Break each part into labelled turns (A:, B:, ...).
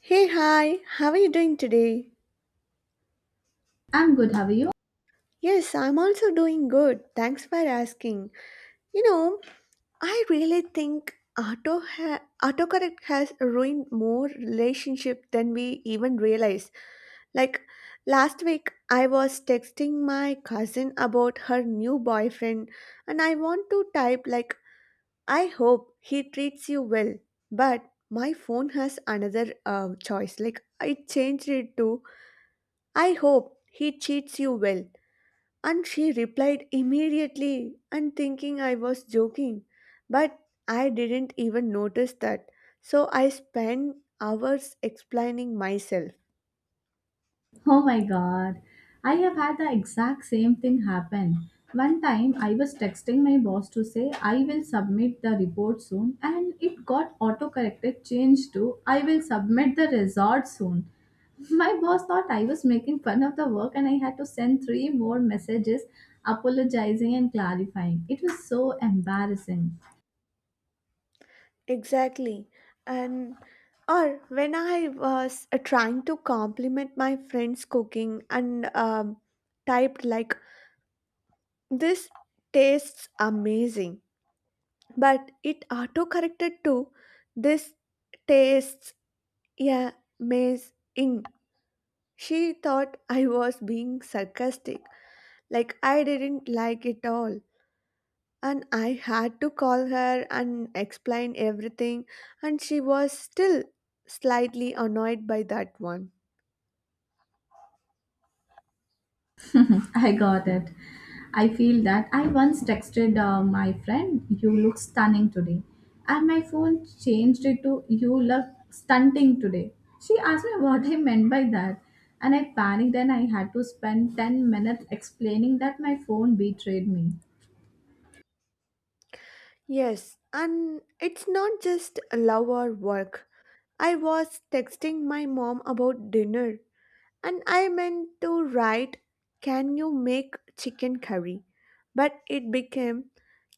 A: Hey, hi, how are you doing today?
B: I'm good, how are you?
A: Yes, I'm also doing good. Thanks for asking. You know, I really think autocorrect has ruined more relationship than we even realize. Like last week, I was texting my cousin about her new boyfriend, and I want to type, like, I hope he treats you well. But my phone has another choice. Like, I changed it to I hope he cheats you well. And she replied immediately and thinking I was joking. But I didn't even notice that. So I spent hours explaining myself.
B: Oh my god, I have had the exact same thing happen. One time I was texting my boss to say I will submit the report soon and it got autocorrected changed to I will submit the result soon. My boss thought I was making fun of the work and I had to send three more messages apologizing and clarifying. It was so embarrassing.
A: Exactly. And or when I was trying to compliment my friend's cooking and typed like this tastes amazing, but it auto corrected to this tastes. Yeah, Maze Ing. She thought I was being sarcastic, like I didn't like it all. And I had to call her and explain everything, and she was still slightly annoyed by that one.
B: I got it. I feel that. I once texted my friend, you look stunning today. And my phone changed it to, you look stunting today. She asked me what I meant by that. And I panicked and I had to spend 10 minutes explaining that my phone betrayed me.
A: Yes, and it's not just love or work. I was texting my mom about dinner, and I meant to write, can you make chicken curry? But it became,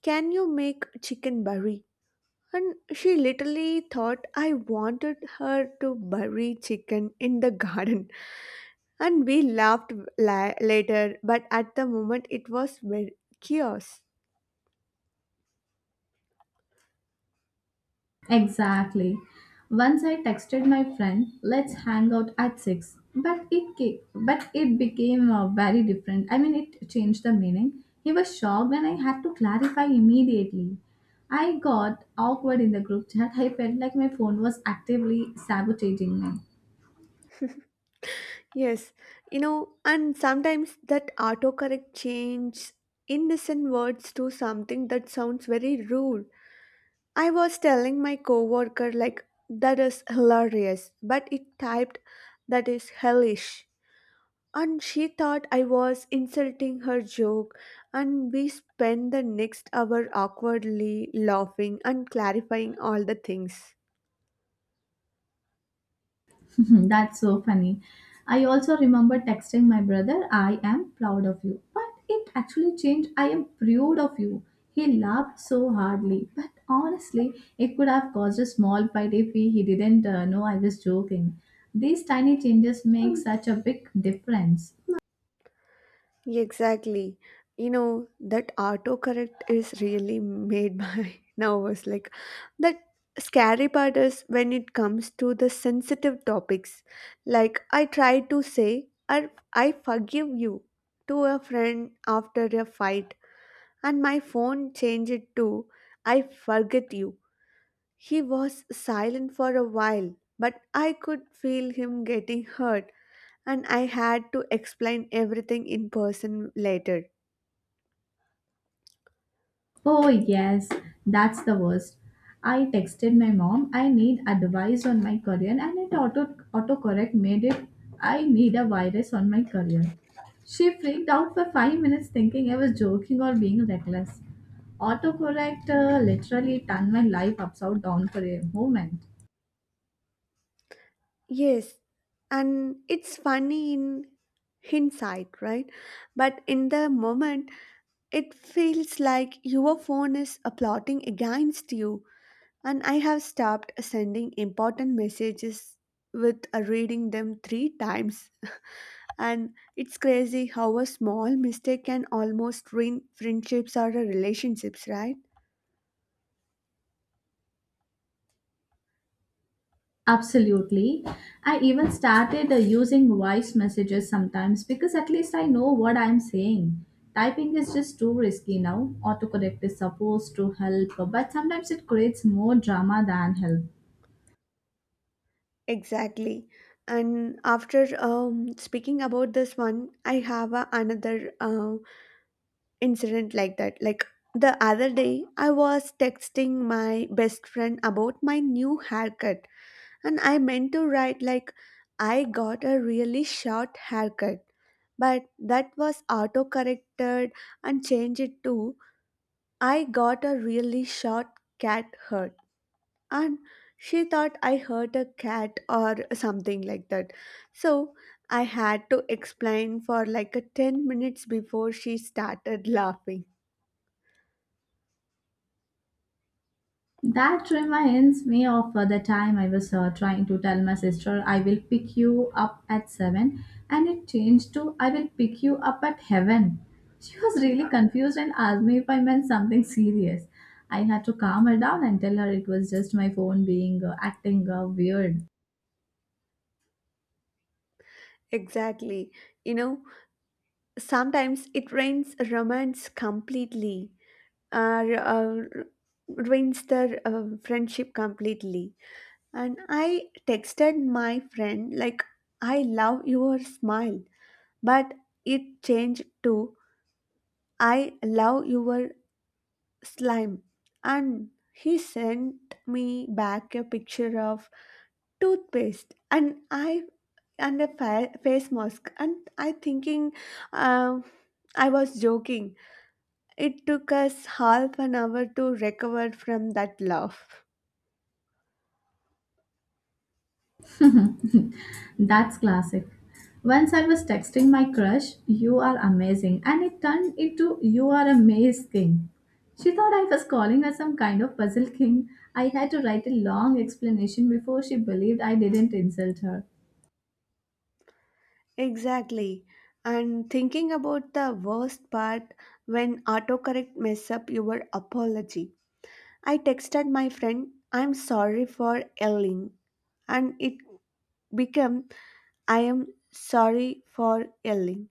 A: can you make chicken curry? And she literally thought I wanted her to bury chicken in the garden. And we laughed later, but at the moment it was very chaos.
B: Exactly. Once I texted my friend, "Let's hang out at 6," but but it became very different. I mean, it changed the meaning. He was shocked and I had to clarify immediately. I got awkward in the group chat. I felt like my phone was actively sabotaging me.
A: Yes, you know, and sometimes that autocorrect changes innocent words to something that sounds very rude. I was telling my coworker like that is hilarious, but it typed that is hellish. And she thought I was insulting her joke, and we spent the next hour awkwardly laughing and clarifying all the things.
B: That's so funny. I also remember texting my brother, I am proud of you. But it actually changed, I am proud of you. He laughed so hardly. But honestly, it could have caused a small fight if he didn't know I was joking. These tiny changes make such a big difference.
A: Exactly. You know, that autocorrect is really made my nervous. Like, that scary part is when it comes to the sensitive topics. Like, I try to say, I forgive you to a friend after a fight, and my phone changed it too. I forget you. He was silent for a while, but I could feel him getting hurt, and I had to explain everything in person later.
B: Oh, yes, that's the worst. I texted my mom, I need advice on my career, and it autocorrect made it, I need a virus on my career. She freaked out for 5 minutes thinking I was joking or being reckless. Autocorrect literally turned my life upside down for a moment.
A: Yes, and it's funny in hindsight, right? But in the moment, it feels like your phone is plotting against you, and I have stopped sending important messages with reading them three times. And it's crazy how a small mistake can almost ruin friendships or relationships, right?
B: Absolutely. I even started using voice messages sometimes because at least I know what I'm saying. Typing is just too risky now. Autocorrect is supposed to help, but sometimes it creates more drama than help.
A: Exactly. And after speaking about this one, I have a, another incident like that. Like the other day, I was texting my best friend about my new haircut, and I meant to write like, I got a really short haircut, but that was auto corrected and changed it to I got a really short cat hurt, and she thought I hurt a cat or something like that. So I had to explain for like a 10 minutes before she started laughing.
B: That reminds me of the time I was trying to tell my sister I will pick you up at 7 and it changed to I will pick you up at heaven. She was really confused and asked me if I meant something serious. I had to calm her down and tell her it was just my phone being acting weird.
A: Exactly. You know, sometimes it rains romance completely or ruins the friendship completely. And I texted my friend, like, I love your smile, but it changed to I love your slime. And he sent me back a picture of toothpaste and I and a face mask and I thinking um I was joking. It took us half an hour to recover from that laugh.
B: That's classic. Once I was texting my crush, you are amazing, and it turned into you are a maze king. She thought I was calling her some kind of puzzle king. I had to write a long explanation before she believed I didn't insult her.
A: Exactly. And thinking about the worst part when autocorrect mess up your apology. I texted my friend, I'm sorry for yelling, and it became, I am sorry for yelling.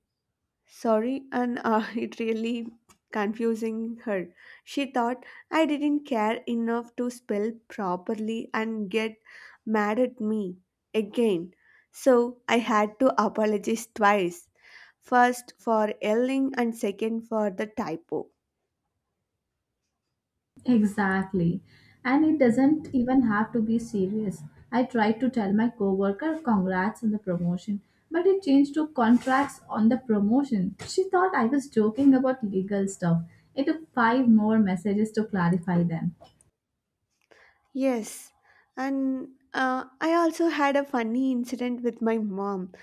A: Sorry, and it really confusing her. She thought I didn't care enough to spell properly and get mad at me again. So I had to apologize twice, first for yelling and second for the typo.
B: Exactly. And it doesn't even have to be serious. I tried to tell my coworker congrats on the promotion, but it changed to contracts on the promotion. She thought I was joking about legal stuff. It took five more messages to clarify them.
A: Yes, and I also had a funny incident with my mom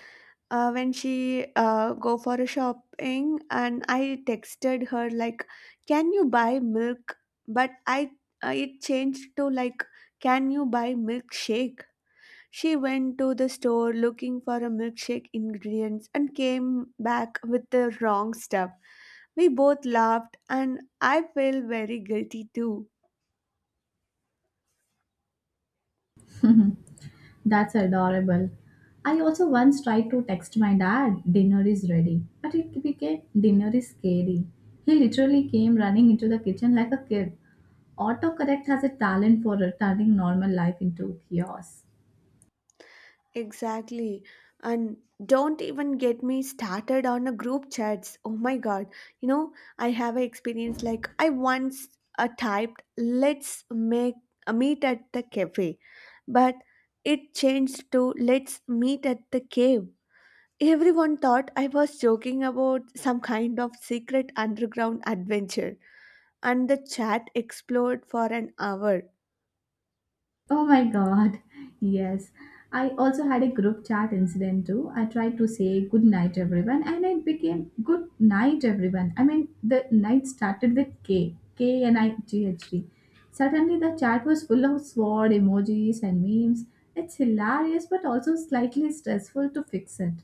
A: when she go for a shopping, and I texted her like, "Can you buy milk?" But I it changed to like, "Can you buy milkshake?" She went to the store looking for a milkshake ingredients and came back with the wrong stuff. We both laughed, and I feel very guilty too.
B: That's adorable. I also once tried to text my dad, dinner is ready, but it became dinner is scary. He literally came running into the kitchen like a kid. Autocorrect has a talent for turning normal life into chaos.
A: Exactly. And don't even get me started on a group chats. Oh my god. You know, I have an experience like I once typed, let's make a meet at the cafe. But it changed to let's meet at the cave. Everyone thought I was joking about some kind of secret underground adventure. And the chat exploded for an hour.
B: Oh my god. Yes. I also had a group chat incident too. I tried to say good night everyone and it became good night everyone. I mean the night started with K. K and IGHD. Suddenly the chat was full of sword emojis and memes. It's hilarious but also slightly stressful to fix it.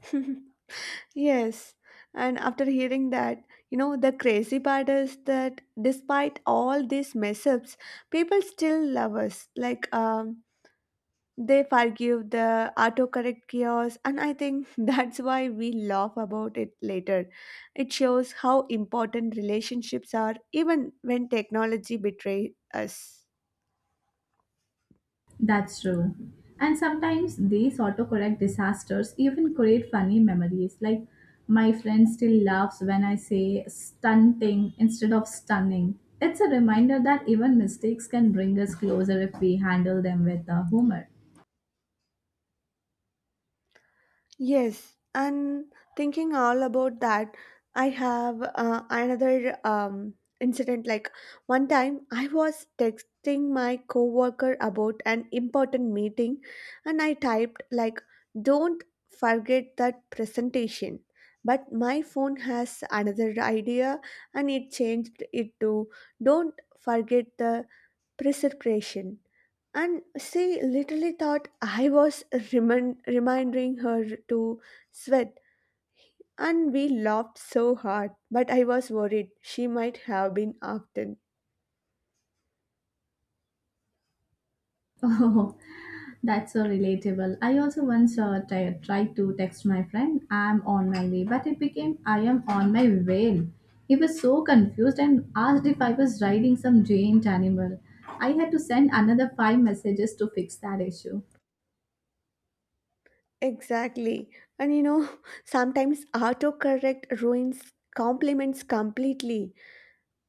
A: Yes, and after hearing that, you know, the crazy part is that despite all these mess ups, people still love us. Like, they forgive the autocorrect chaos, and I think that's why we laugh about it later. It shows how important relationships are, even when technology betrays us.
B: That's true. And sometimes these autocorrect disasters even create funny memories. Like, my friend still laughs when I say stunting instead of stunning. It's a reminder that even mistakes can bring us closer if we handle them with humor.
A: Yes, and thinking all about that, I have another incident. Like one time, I was texting my coworker about an important meeting, and I typed like, "Don't forget that presentation." But my phone has another idea, and it changed it to, "Don't forget the preservation." And she literally thought I was reminding her to sweat, and we laughed so hard. But I was worried she might have been often.
B: Oh, that's so relatable. I also once tried to text my friend, I'm on my way, but it became, I am on my way. He was so confused and asked if I was riding some giant animal. I had to send another five messages to fix that issue.
A: Exactly. And you know, sometimes autocorrect ruins compliments completely.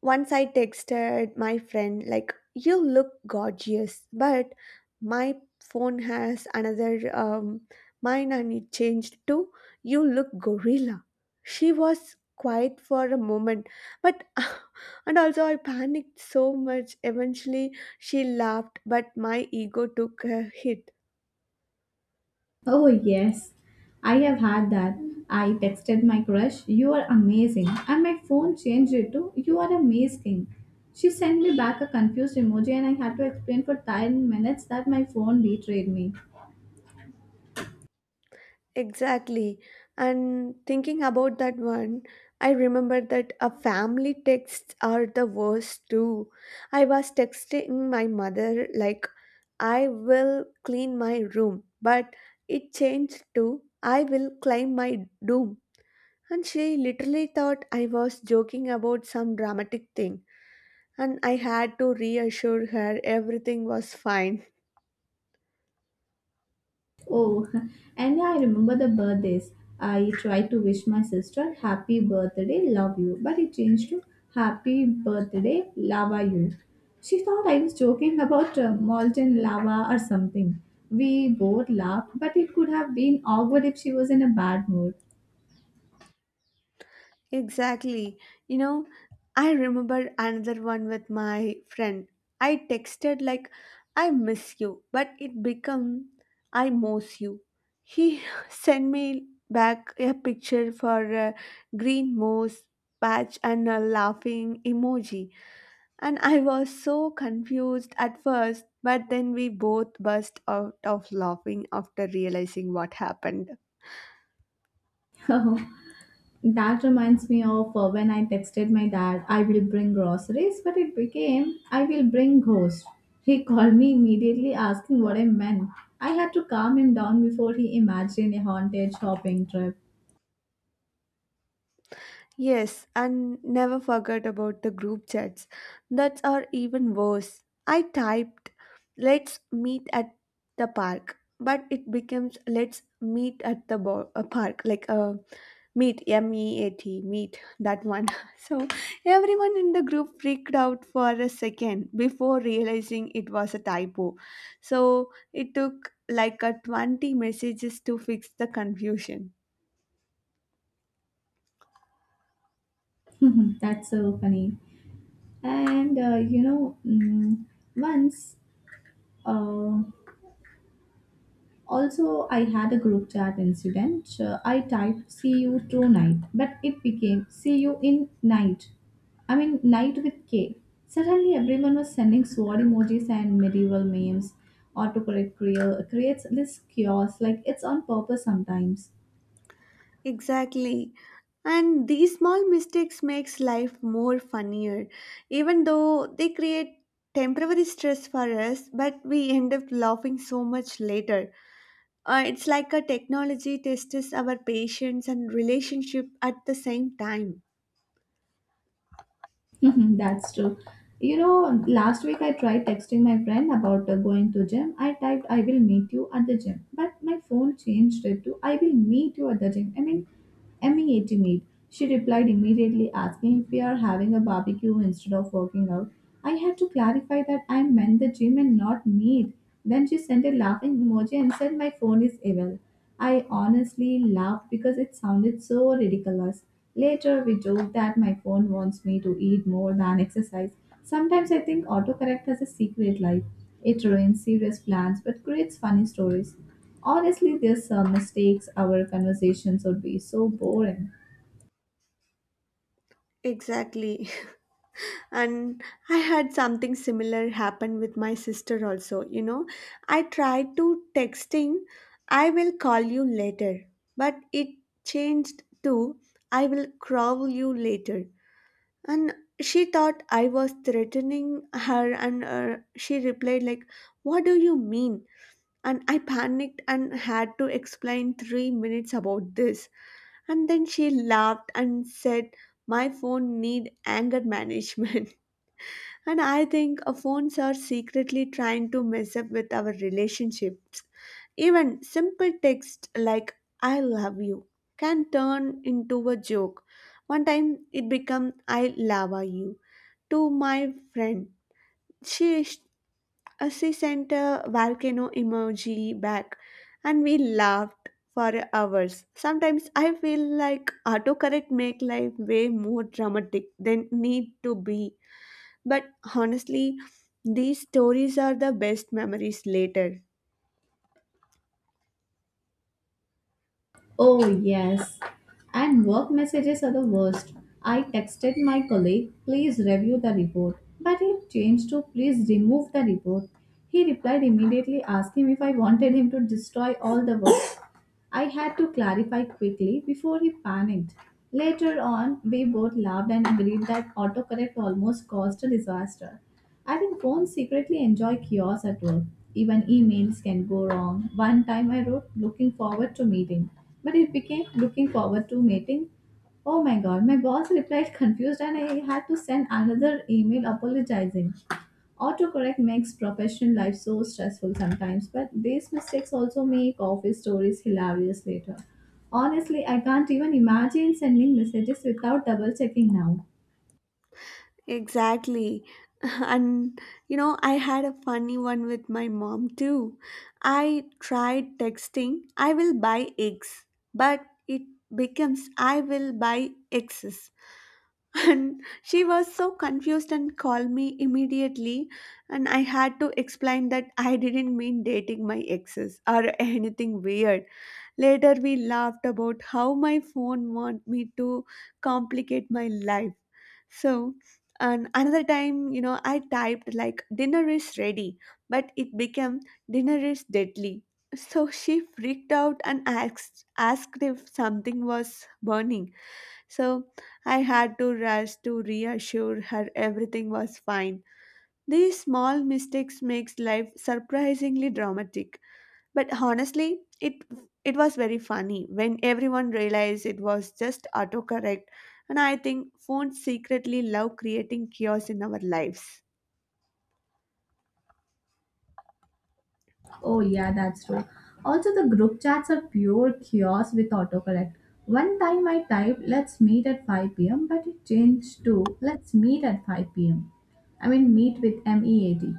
A: Once I texted my friend, like, you look gorgeous, but my phone has another mine and it changed to, you look gorilla. She was quiet for a moment, but and also I panicked so much. Eventually, she laughed, but my ego took a hit.
B: Oh, yes. I have had that. I texted my crush, you are amazing. And my phone changed it to, you are amazing. She sent me back a confused emoji, and I had to explain for 10 minutes that my phone betrayed me.
A: Exactly. And thinking about that one, I remember that a family texts are the worst too. I was texting my mother like I will clean my room, but it changed to I will climb my doom. And she literally thought I was joking about some dramatic thing, and I had to reassure her everything was fine.
B: Oh, and yeah, I remember the birthdays. I tried to wish my sister happy birthday, love you, but it changed to happy birthday, lava you. She thought I was joking about molten lava or something. We both laughed, but it could have been awkward if she was in a bad mood.
A: Exactly. You know, I remember another one with my friend. I texted like I miss you, but it become I miss you. He sent me back a picture for a green moss patch and a laughing emoji. And I was so confused at first, but then we both burst out of laughing after realizing what happened.
B: That reminds me of when I texted my dad, I will bring groceries, but it became, I will bring ghost. He called me immediately asking what I meant. I had to calm him down before he imagined a haunted shopping trip.
A: Yes, and never forget about the group chats. That are even worse. I typed, let's meet at the park, but it becomes let's meet at the park, like meet, MEAT, meet, that one. So everyone in the group freaked out for a second before realizing it was a typo. So it took like a 20 messages to fix the confusion.
B: That's so funny. And you know, mm, once uh, also, I had a group chat incident. I typed see you tonight, but it became see you in night. I mean, night with K. Suddenly, everyone was sending sword emojis and medieval memes. Autocorrect creates this chaos, like it's on purpose sometimes.
A: Exactly. And these small mistakes makes life more funnier. Even though they create temporary stress for us, but we end up laughing so much later. It's like a technology tests our patience and relationship at the same time.
B: Mhm. That's true. You know, last week I tried texting my friend about going to gym. I typed I will meet you at the gym, but my phone changed it to I will meet you at the gym. I mean, MEAT meet. She replied immediately asking if we are having a barbecue instead of working out. I had to clarify that I meant the gym and not meet. Then she sent a laughing emoji and said my phone is evil. I honestly laughed because it sounded so ridiculous. Later, we joke that my phone wants me to eat more than exercise. Sometimes I think autocorrect has a secret life. It ruins serious plans but creates funny stories. Honestly, these mistakes, our conversations would be so boring.
A: Exactly. And I had something similar happen with my sister also. You know, I tried to texting I will call you later, but it changed to I will crawl you later. And she thought I was threatening her, and she replied like, what do you mean? And I panicked and had to explain 3 minutes about this, and then she laughed and said my phone need anger management. And I think phones are secretly trying to mess up with our relationships. Even simple text like I love you can turn into a joke. One time it became I lava you to my friend. She, sh- she sent a volcano emoji back and we laughed for hours. Sometimes I feel like autocorrect make life way more dramatic than need to be. But honestly, these stories are the best memories later.
B: Oh, yes. And work messages are the worst. I texted my colleague, please review the report, but he changed to please remove the report. He replied immediately asking if I wanted him to destroy all the work. I had to clarify quickly before he panicked. Later on, we both laughed and agreed that autocorrect almost caused a disaster. I think phones secretly enjoy chaos at work. Even emails can go wrong. One time I wrote looking forward to meeting, but it became looking forward to meeting. Oh my god, my boss replied confused and I had to send another email apologizing. Autocorrect makes professional life so stressful sometimes, but these mistakes also make office stories hilarious later. Honestly, I can't even imagine sending messages without double checking now.
A: Exactly. And you know, I had a funny one with my mom too. I tried texting, I will buy eggs, but it becomes I will buy X's. And she was so confused and called me immediately. And I had to explain that I didn't mean dating my exes or anything weird. Later, we laughed about how my phone want me to complicate my life. So, and another time, you know, I typed like dinner is ready, but it became dinner is deadly. So she freaked out and asked if something was burning. So I had to rush to reassure her everything was fine. These small mistakes makes life surprisingly dramatic. But honestly, it was very funny when everyone realized it was just autocorrect. And I think phones secretly love creating chaos in our lives.
B: Oh, yeah, that's true. Also, the group chats are pure chaos with autocorrect. One time I typed, let's meet at 5 p.m., but it changed to, let's meet at 5 pm. I mean, meet with MEAT.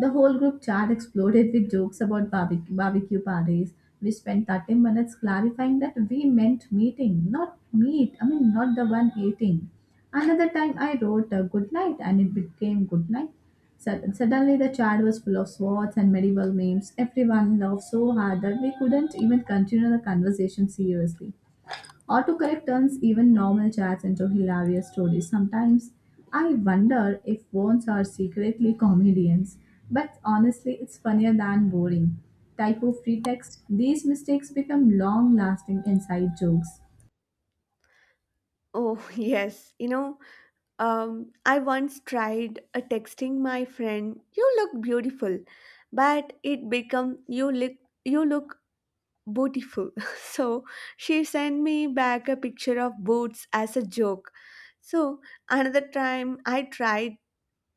B: The whole group chat exploded with jokes about barbecue parties. We spent 30 minutes clarifying that we meant meeting, not meat. I mean, not the one eating. Another time I wrote a good night and it became good night. Suddenly the chat was full of swords and medieval names. Everyone laughed so hard that we couldn't even continue the conversation seriously. Autocorrect turns even normal chats into hilarious stories. Sometimes I wonder if phones are secretly comedians, but honestly, it's funnier than boring. Typo free text, these mistakes become long lasting inside jokes.
A: Oh, yes, you know, I once tried texting my friend, "You look beautiful," but it became, "You look you look beautiful." So she sent me back a picture of boots as a joke. So another time I tried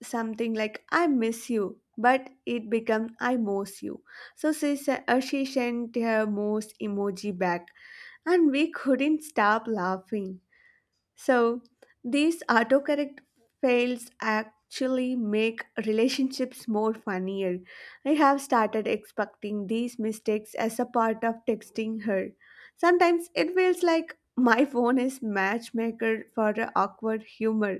A: something like I miss you, but it became I most you. So she sent her most emoji back, and we couldn't stop laughing. So these autocorrect fails actually make relationships more funnier. I have started expecting these mistakes as a part of texting her. Sometimes it feels like my phone is matchmaker for awkward humor.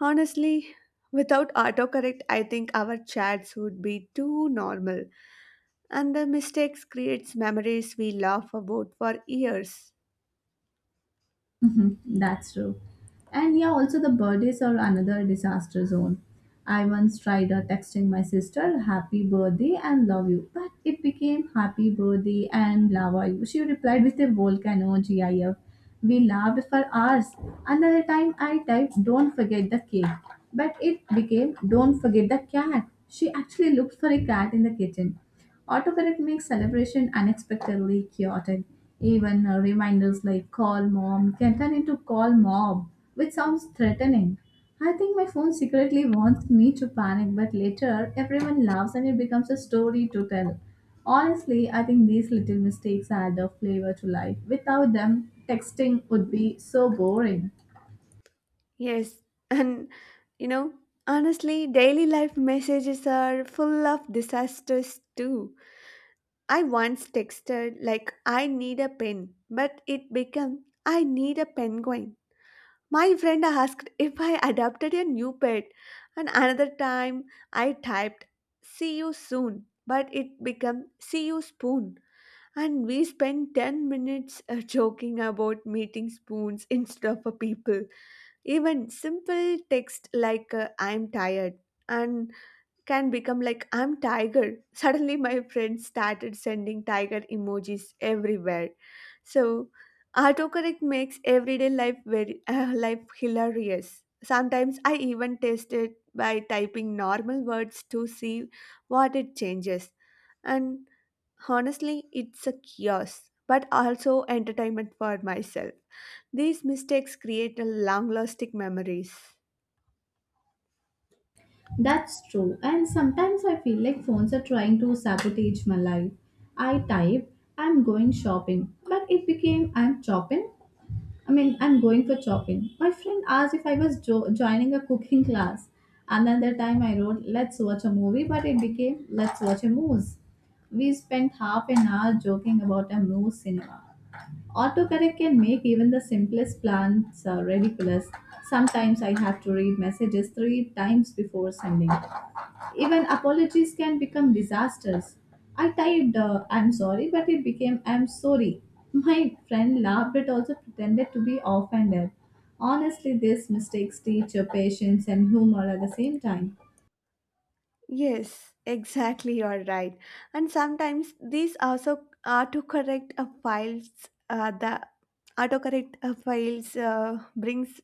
A: Honestly, without autocorrect, I think our chats would be too normal, and the mistakes creates memories we laugh about for years.
B: Mhm. That's true. And yeah, also the birthdays are another disaster zone. I once tried texting my sister, happy birthday and love you, but it became happy birthday and lava you. She replied with a volcano GIF. We laughed for hours. Another time I typed, don't forget the cake, but it became, don't forget the cat. She actually looked for a cat in the kitchen. Autocorrect makes celebration unexpectedly chaotic. Even reminders like call mom can turn into call mob, which sounds threatening. I think my phone secretly wants me to panic, but later everyone laughs and it becomes a story to tell. Honestly, I think these little mistakes add a flavor to life. Without them, texting would be so boring.
A: Yes, and you know, honestly, daily life messages are full of disasters too. I once texted like I need a pen, but it became I need a penguin. My friend asked if I adopted a new pet, and another time I typed see you soon, but it became see you spoon. And we spent 10 minutes joking about meeting spoons instead of a people. Even simple text like I'm tired and can become like I'm tiger. Suddenly, my friends started sending tiger emojis everywhere. So, autocorrect makes everyday life very life hilarious. Sometimes I even test it by typing normal words to see what it changes. And honestly, it's a chaos, but also entertainment for myself. These mistakes create long-lasting memories.
B: That's true. And sometimes I feel like phones are trying to sabotage my life. I type, I'm going shopping, but it became I'm chopping. I mean, I'm going for chopping. My friend asked if I was joining a cooking class. Another time I wrote, let's watch a movie, but it became, let's watch a moose. We spent half an hour joking about a moose cinema. Autocorrect can make even the simplest plans ridiculous. Sometimes I have to read messages three times before sending. Even apologies can become disasters. I typed, I'm sorry, but it became, I'm sorry. My friend laughed but also pretended to be offended. Honestly, these mistakes teach your patience and humor at the same time.
A: Yes, exactly, you're right. And sometimes these also uh, the autocorrect files brings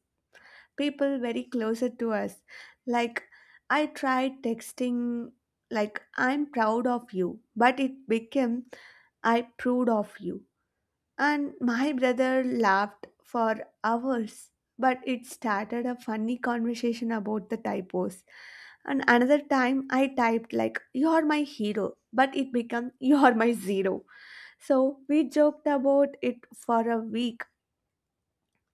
A: people very closer to us. Like, I tried texting, like, I'm proud of you, but it became, I proved of you, and my brother laughed for hours, but it started a funny conversation about the typos. And another time I typed like you're my hero, but it became you're my zero." So we joked about it for a week.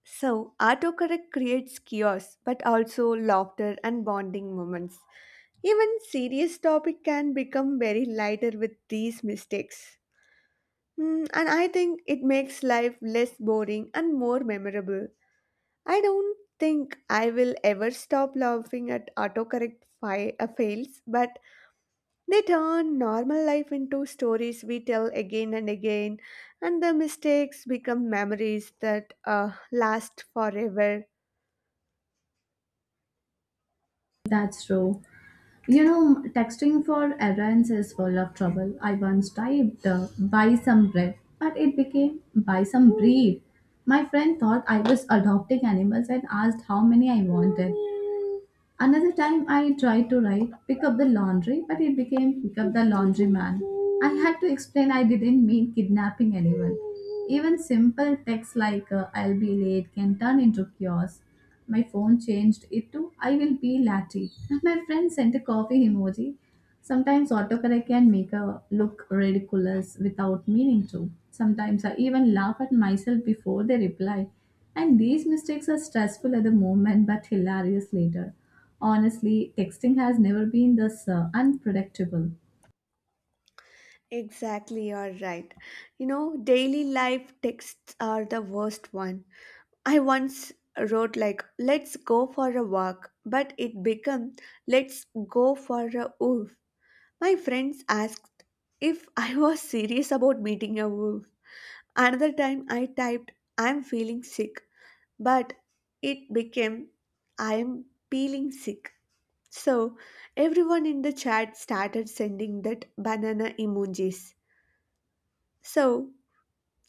A: So autocorrect creates chaos, but also laughter and bonding moments. Even serious topic can become very lighter with these mistakes. Mm, and I think it makes life less boring and more memorable. I don't think I will ever stop laughing at autocorrect fails, but they turn normal life into stories we tell again and again, and the mistakes become memories that last forever.
B: That's true. You know, texting for errands is full of trouble. I once typed buy some bread, but it became buy some breed. My friend thought I was adopting animals and asked how many I wanted. Another time I tried to write pick up the laundry, but it became pick up the laundry man. I had to explain I didn't mean kidnapping anyone. Even simple texts like I'll be late can turn into chaos. My phone changed it to I will be latte. And my friend sent a coffee emoji. Sometimes autocorrect can make a look ridiculous without meaning to. Sometimes I even laugh at myself before they reply. And these mistakes are stressful at the moment but hilarious later. Honestly, texting has never been this unpredictable.
A: Exactly, you're right. You know, daily life texts are the worst one. I once wrote like let's go for a walk, but it became let's go for a wolf. My friends asked if I was serious about meeting a wolf. Another time I typed I'm feeling sick, but it became I'm peeling sick. So everyone in the chat started sending that banana emojis. So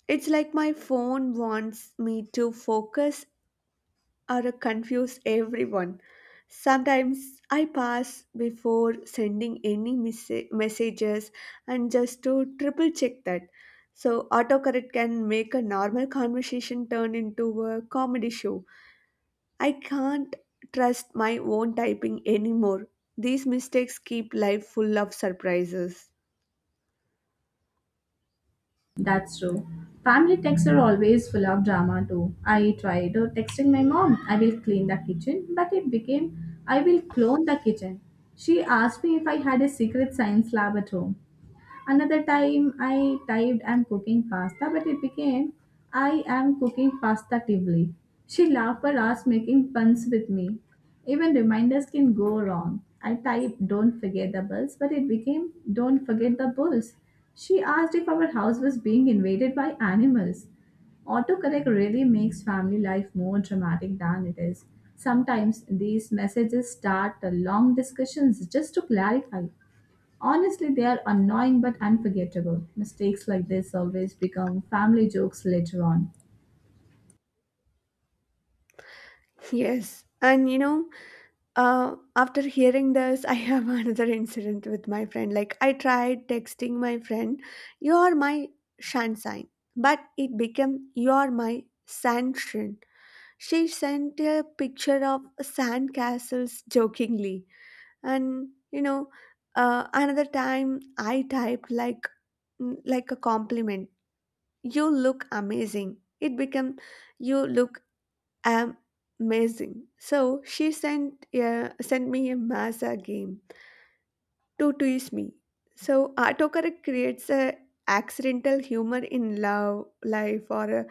A: it's like my phone wants me to focus or confuse everyone. Sometimes I pass before sending any messages, and just to triple check that. So, autocorrect can make a normal conversation turn into a comedy show. I can't trust my own typing anymore. These mistakes keep life full of surprises.
B: That's true. Family texts are always full of drama too. I tried texting my mom, I will clean the kitchen, but it became, I will clone the kitchen. She asked me if I had a secret science lab at home. Another time I typed I'm cooking pasta, but it became I am cooking pasta tivoli. She laughed for us making puns with me. Even reminders can go wrong. I typed don't forget the bulls, but it became don't forget the bulls. She asked if our house was being invaded by animals. Autocorrect really makes family life more dramatic than it is. Sometimes these messages start long discussions just to clarify. Honestly, they are annoying but unforgettable. Mistakes like this always become family jokes later on.
A: Yes, and you know, after hearing this, I have another incident with my friend. Like, I tried texting my friend, you're my sunshine, but it became you're my sunshine. She sent a picture of sand castles jokingly. And, you know, another time I typed like, like a compliment, you look amazing. It became you look am amazing. So she sent a, sent me a massa game to tease me. So autocorrect creates a accidental humor in love, life, or a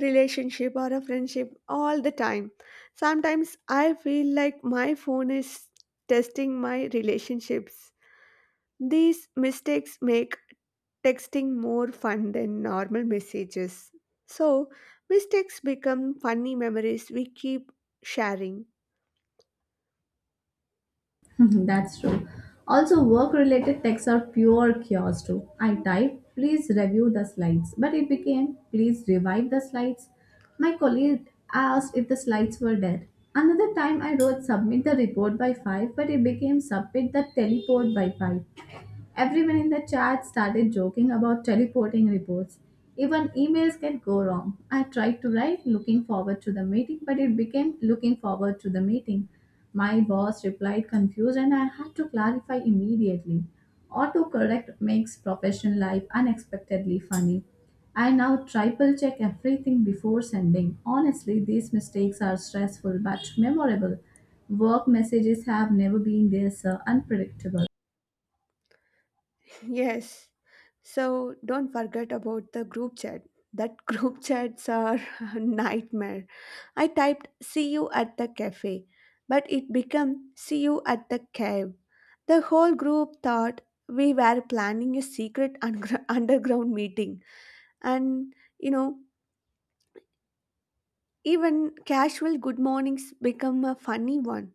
A: relationship or a friendship all the time. Sometimes I feel like my phone is testing my relationships. These mistakes make texting more fun than normal messages. So mistakes become funny memories we keep sharing.
B: That's true. Also, work related texts are pure chaos too. I typed, please review the slides, but it became, please revive the slides. My colleague asked if the slides were dead. Another time I wrote submit the report by 5, but it became submit the teleport by 5. Everyone in the chat started joking about teleporting reports. Even emails can go wrong. I tried to write looking forward to the meeting, but it became looking forward to the meeting. My boss replied confused, and I had to clarify immediately. Autocorrect makes professional life unexpectedly funny. I now triple check everything before sending. Honestly, these mistakes are stressful but memorable. Work messages have never been this unpredictable.
A: Yes. So don't forget about the group chat. That group chats are a nightmare. I typed see you at the cafe, but it became see you at the cave. The whole group thought we were planning a secret underground meeting. And you know, even casual good mornings become a funny one.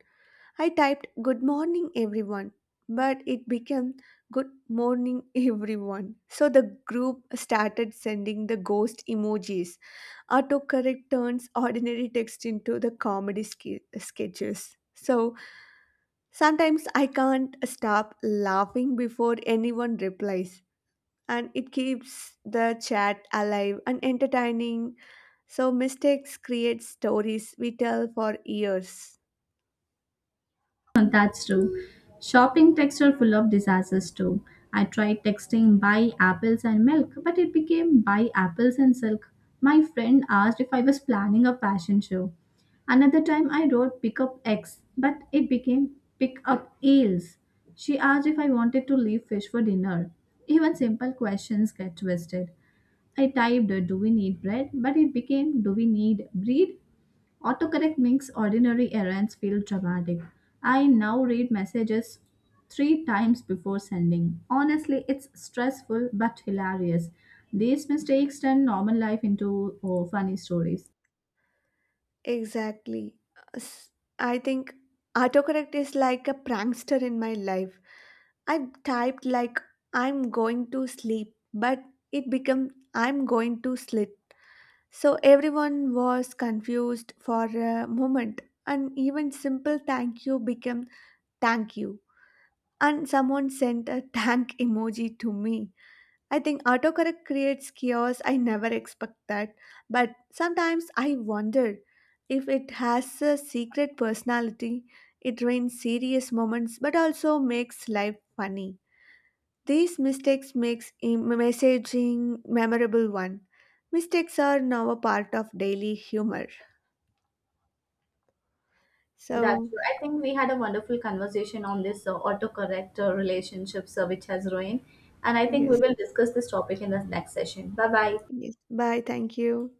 A: I typed good morning everyone, but it became good morning everyone. So the group started sending the ghost emojis. Autocorrect turns ordinary text into the comedy sketches. So sometimes I can't stop laughing before anyone replies. And it keeps the chat alive and entertaining. So mistakes create stories we tell for years.
B: That's true. Shopping texts are full of disasters too. I tried texting buy apples and milk, but it became buy apples and silk. My friend asked if I was planning a fashion show. Another time I wrote pick up X, but it became pick up ales. She asked if I wanted to leave fish for dinner. Even simple questions get twisted. I typed, do we need bread? But it became, do we need breed? Autocorrect makes ordinary errands feel dramatic. I now read messages three times before sending. Honestly, it's stressful but hilarious. These mistakes turn normal life into oh, funny stories.
A: Exactly. S- I think autocorrect is like a prankster in my life. I typed like I'm going to sleep, but it became I'm going to slit. So everyone was confused for a moment, and even simple thank you became thank you. And someone sent a thank emoji to me. I think autocorrect creates chaos. I never expect that. But sometimes I wonder if it has a secret personality. It rains serious moments but also makes life funny. These mistakes makes messaging memorable one. Mistakes are now a part of daily humor.
B: That's
A: So,
B: true. I think we had a wonderful conversation on this autocorrect relationships which has ruined. And I think we
A: yes,
B: will discuss this topic in the next session. Bye bye.
A: yes. Bye. Thank you.